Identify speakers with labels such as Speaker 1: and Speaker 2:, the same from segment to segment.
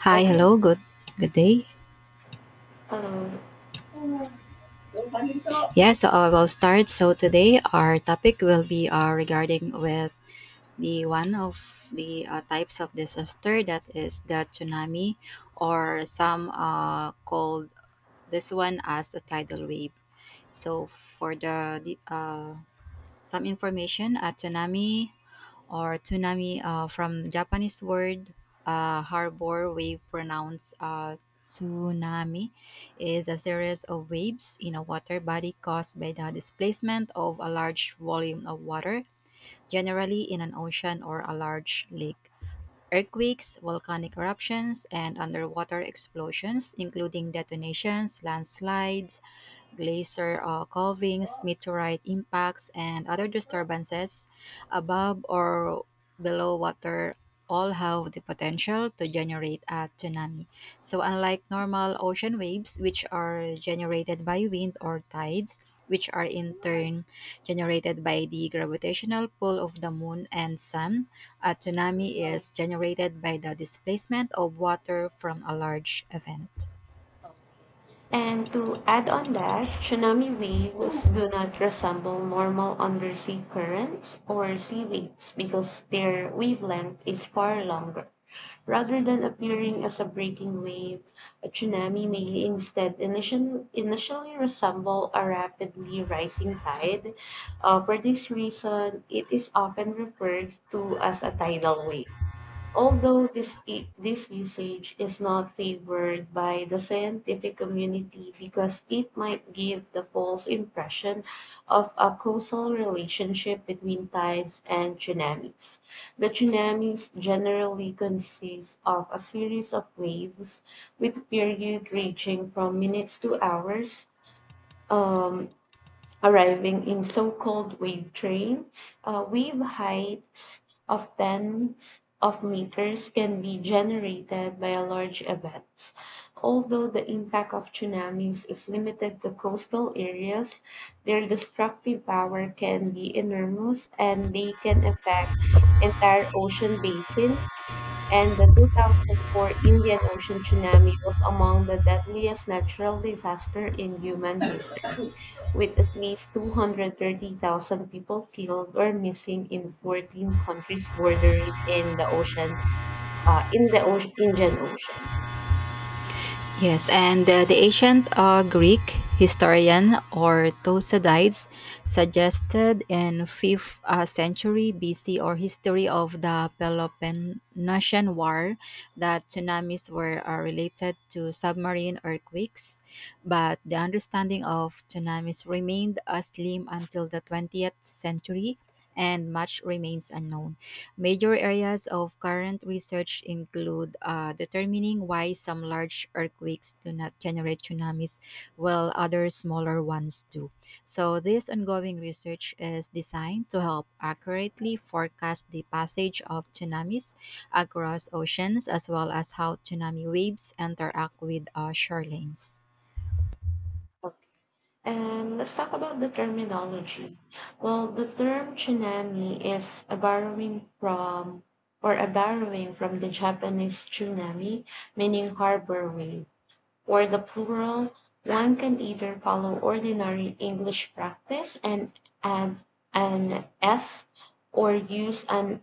Speaker 1: Hi,
Speaker 2: Okay.
Speaker 1: hello, good day.
Speaker 2: Um,
Speaker 1: Yeah, so I will start. So today our topic will be regarding with the one of the types of disaster that is the tsunami or some called this one as the tidal wave. So for the some information, a tsunami or tsunami from Japanese word harbor wave pronounced tsunami is a series of waves in a water body caused by the displacement of a large volume of water, generally in an ocean or a large lake. Earthquakes, volcanic eruptions, and underwater explosions, including detonations, landslides, glacier calvings, meteorite impacts, and other disturbances above or below water all have the potential to generate a tsunami. So, unlike normal ocean waves, which are generated by wind or tides, which are in turn generated by the gravitational pull of the moon and sun, a tsunami is generated by the displacement of water from a large event.
Speaker 2: and to add on that, tsunami waves do not resemble normal undersea currents or sea waves because their wavelength is far longer. Rather than appearing as a breaking wave, a tsunami may instead initially resemble a rapidly rising tide. For this reason, it is often referred to as a tidal wave. Although this usage is not favored by the scientific community because it might give the false impression of a causal relationship between tides and tsunamis. The tsunamis generally consist of a series of waves with period ranging from minutes to hours. Um, Arriving in so-called wave train. Wave heights of tens of meters can be generated by a large event. Although the impact of tsunamis is limited to coastal areas, their destructive power can be enormous and they can affect entire ocean basins, and the 2004 Indian Ocean tsunami was among the deadliest natural disaster in human history, with at least 230,000 people killed or missing in 14 countries bordering in the ocean, Indian Ocean.
Speaker 1: Yes, and the ancient Greek historian or Thucydides suggested in 5th century BC or history of the Peloponnesian War that tsunamis were related to submarine earthquakes, but the understanding of tsunamis remained slim until the 20th century and much remains unknown. Major areas of current research include determining why some large earthquakes do not generate tsunamis while other smaller ones do. So, this ongoing research is designed to help accurately forecast the passage of tsunamis across oceans, as well as how tsunami waves interact with shorelines.
Speaker 2: And let's talk about the terminology. Well, the term tsunami is a borrowing from the Japanese tsunami, meaning harbor wave. For the plural, one can either follow ordinary English practice and add an "s" or use an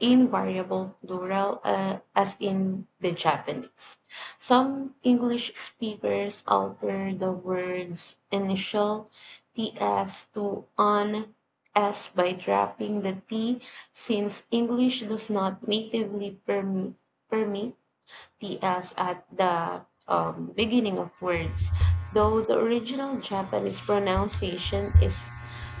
Speaker 2: invariable plural, as in the Japanese. Some English speakers alter the word's initial "ts" to an "s" by dropping the "t", since English does not natively permit Ts at the beginning of words, though the original Japanese pronunciation is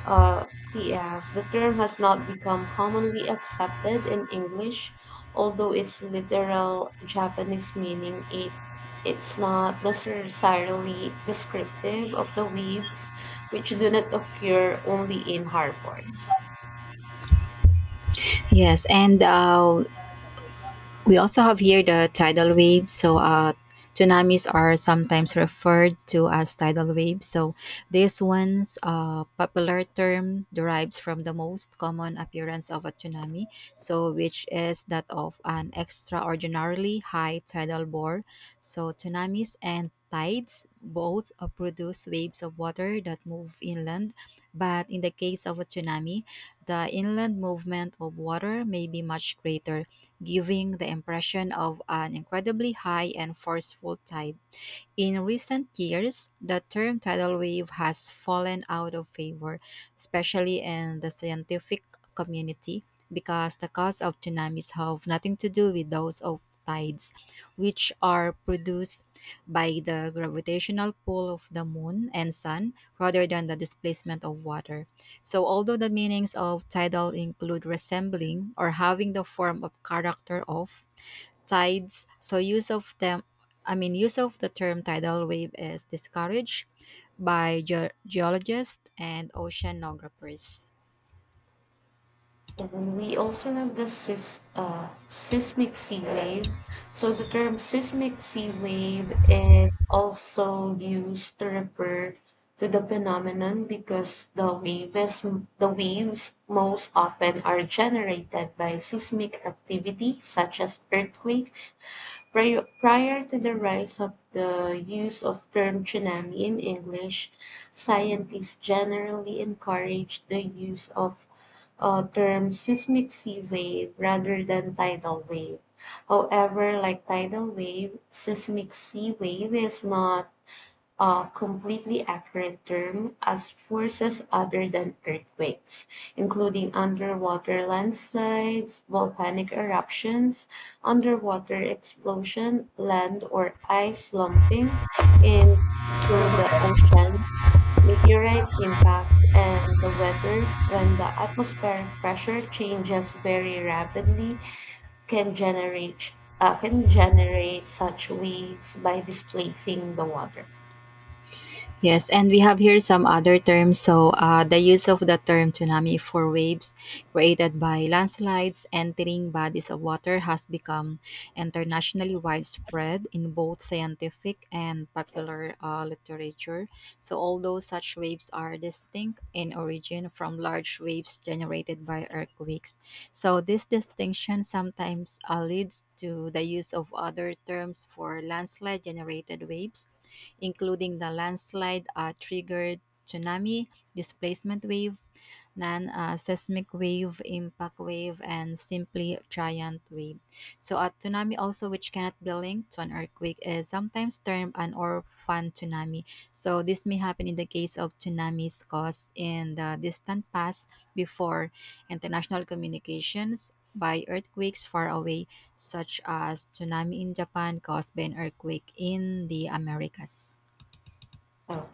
Speaker 2: uh, ts. The term has not become commonly accepted in English, although its literal Japanese meaning it's not necessarily descriptive of the waves, which do not occur only in harbors.
Speaker 1: Yes, and we also have here the tidal waves. So, tsunamis are sometimes referred to as tidal waves. So, this one's popular term derives from the most common appearance of a tsunami, so which is that of an extraordinarily high tidal bore. So, tsunamis and tides both produce waves of water that move inland, but in the case of a tsunami, the inland movement of water may be much greater, giving the impression of an incredibly high and forceful tide. In recent years, the term tidal wave has fallen out of favor, especially in the scientific community, because the cause of tsunamis have nothing to do with those of tides, which are produced by the gravitational pull of the moon and sun rather than the displacement of water. So, although the meanings of tidal include resembling or having the form of character of, tides so use of them, I mean use of the term tidal wave is discouraged by geologists and oceanographers.
Speaker 2: And we also have the seismic sea wave. So the term seismic sea wave is also used to refer to the phenomenon because the waves most often are generated by seismic activity such as earthquakes. Prior to the rise of the use of term tsunami in English, scientists generally encouraged the use of term seismic sea wave rather than tidal wave. However, like tidal wave, seismic sea wave is not a completely accurate term, as forces other than earthquakes, including underwater landslides, volcanic eruptions, underwater explosion, land or ice slumping into the ocean, meteorite impacts, and the weather when the atmospheric pressure changes very rapidly can generate such waves by displacing the water.
Speaker 1: Yes, and we have here some other terms. So, the use of the term tsunami for waves created by landslides entering bodies of water has become internationally widespread in both scientific and popular literature. So, although such waves are distinct in origin from large waves generated by earthquakes, so this distinction sometimes leads to the use of other terms for landslide generated waves, including the landslide triggered tsunami, displacement wave, non seismic wave, impact wave, and simply giant wave. So, a tsunami, also which cannot be linked to an earthquake, is sometimes termed an orphan tsunami. So, this may happen in the case of tsunamis caused in the distant past before international communications by earthquakes far away, such as tsunami in Japan caused by an earthquake in the Americas.
Speaker 2: Oh.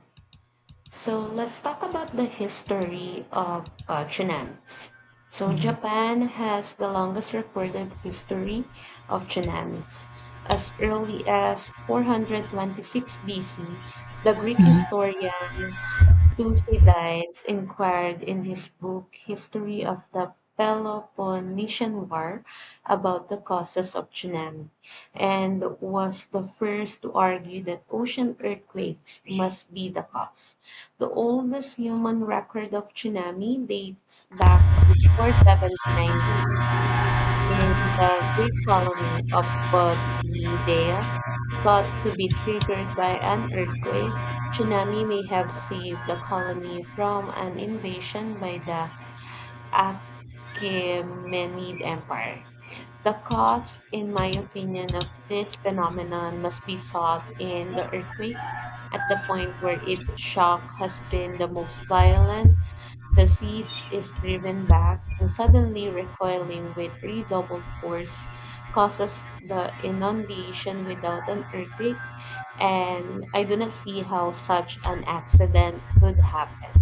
Speaker 2: So let's talk about the history of tsunamis. So
Speaker 1: Mhm.
Speaker 2: Japan has the longest recorded history of tsunamis. As early as 426 BC, the Greek
Speaker 1: Mhm.
Speaker 2: historian Thucydides inquired in his book History of the Peloponnesian War about the causes of tsunami, and was the first to argue that ocean earthquakes must be the cause. The oldest human record of tsunami dates back to 479 in the Greek colony of Potidea, thought to be triggered by an earthquake. Tsunami may have saved the colony from an invasion by the Achaemenid Empire. The cause, in my opinion, of this phenomenon must be sought in the earthquake. At the point where its shock has been the most violent, the seed is driven back and, suddenly recoiling with redoubled force, causes the inundation without an earthquake. And I do not see how such an accident could happen.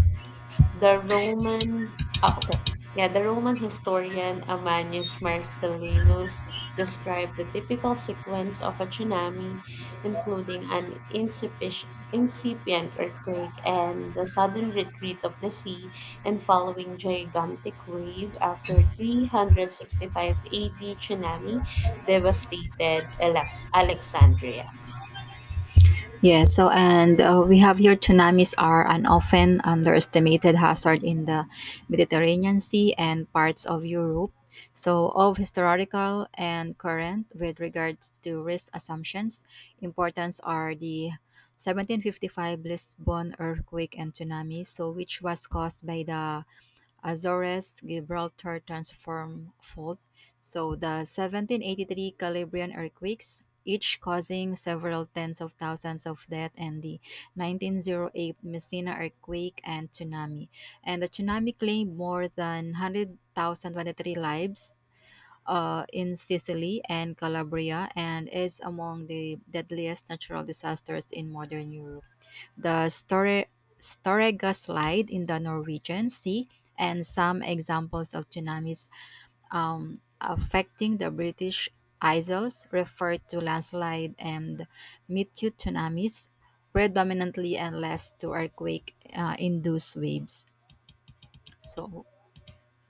Speaker 2: The Roman, oh, okay. Yeah, the Roman historian Ammianus Marcellinus described the typical sequence of a tsunami, including an incipient earthquake and the sudden retreat of the sea and following gigantic wave after 365 AD tsunami devastated Alexandria.
Speaker 1: Yeah, so and we have here tsunamis are an often underestimated hazard in the Mediterranean Sea and parts of Europe. So, of historical and current with regards to risk assumptions, importance are the 1755 Lisbon earthquake and tsunami, so which was caused by the Azores Gibraltar Transform Fault. So the 1783 Calabrian earthquakes, each causing several tens of thousands of death, and the 1908 Messina earthquake and tsunami. And the tsunami claimed more than 100,023 lives in Sicily and Calabria, and is among the deadliest natural disasters in modern Europe. The Storega slide in the Norwegian Sea, and some examples of tsunamis um, affecting the British Isles refer to landslide and meteor tsunamis predominantly and less to earthquake induced waves. So,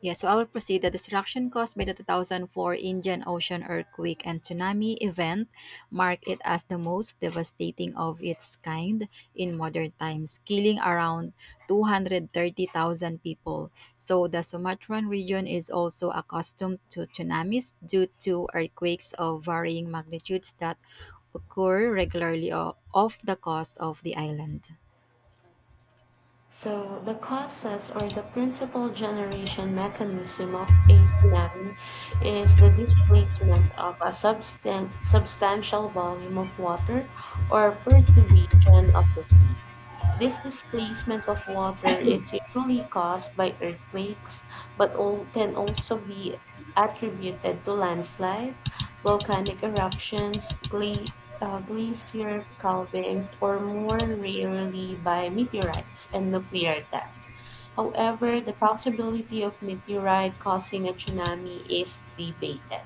Speaker 1: yeah, so I will proceed. The destruction caused by the 2004 Indian Ocean earthquake and tsunami event mark it as the most devastating of its kind in modern times, killing around 230,000 people. So the Sumatran region is also accustomed to tsunamis due to earthquakes of varying magnitudes that occur regularly off the coast of the island.
Speaker 2: So the causes, or the principal generation mechanism of a tsunami, is the displacement of a substantial volume of water, or perturbation of the sea. This displacement of water is usually caused by earthquakes, but all can also be attributed to landslide, volcanic eruptions, glacier calvings, or more rarely by meteorites and nuclear tests. However, the possibility of meteorite causing a tsunami is debated.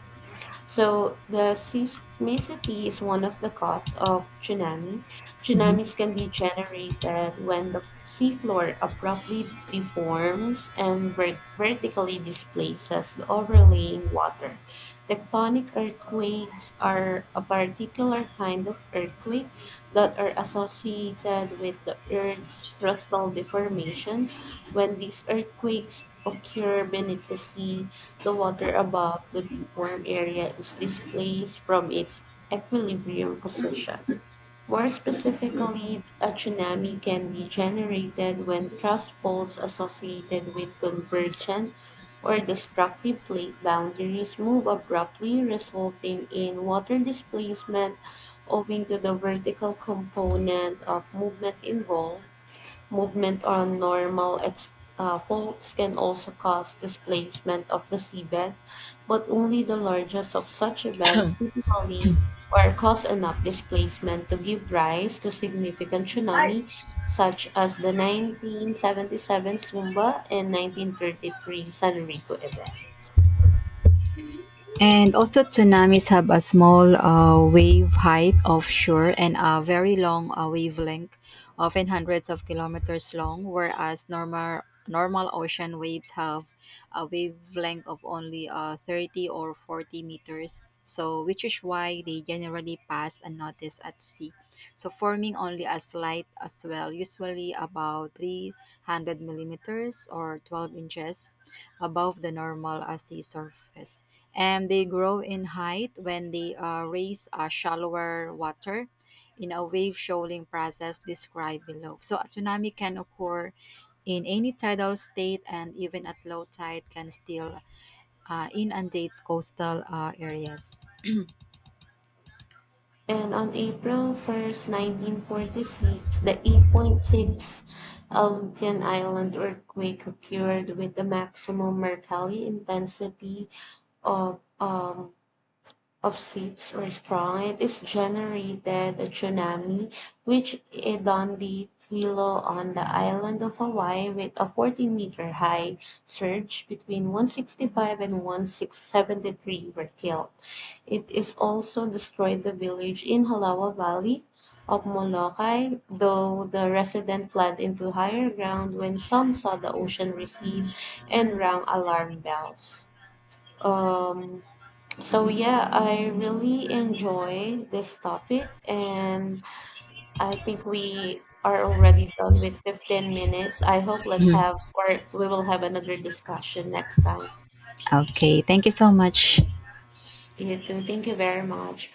Speaker 2: So the seismicity is one of the cause of tsunami. Tsunamis can be generated when the seafloor abruptly deforms and vertically displaces the overlying water. Tectonic earthquakes are a particular kind of earthquake that are associated with the Earth's crustal deformation. When these earthquakes occur beneath the sea, the water above the deepworm area is displaced from its equilibrium position. More specifically, a tsunami can be generated when thrust faults associated with convergent or destructive plate boundaries move abruptly, resulting in water displacement owing to the vertical component of movement involved. Movement on normal faults can also cause displacement of the seabed, but only the largest of such events typically were cause enough displacement to give rise to significant tsunami, such as the 1977 Sumba and 1933 Sanrico events.
Speaker 1: And also, tsunamis have a small wave height offshore and a very long wavelength, often hundreds of kilometers long, whereas normal ocean waves have a wavelength of only 30 or 40 meters. So, which is why they generally pass unnoticed at sea. So, forming only a slight swell, usually about 300 millimeters or 12 inches above the normal sea surface, and they grow in height when they raise shallower water in a wave shoaling process described below. So a tsunami can occur in any tidal state, and even at low tide can still inundate coastal areas.
Speaker 2: And on April 1st, 1946, the 8.6 Aleutian Island earthquake occurred with a maximum Mercalli intensity of um, of 6 or strong. It is generated a tsunami which hit on the Hilo on the island of Hawaii with a 14-meter high surge. Between 165 and 173 were killed. It is also destroyed the village in Halawa Valley of Molokai, though the resident fled into higher ground when some saw the ocean recede and rang alarm bells. Um, so yeah, I really enjoy this topic, and I think we are already done with 15 minutes. I hope let's
Speaker 1: Mhm.
Speaker 2: have, or we will have another discussion next time.
Speaker 1: Okay, thank you so much.
Speaker 2: You too. Thank you very much.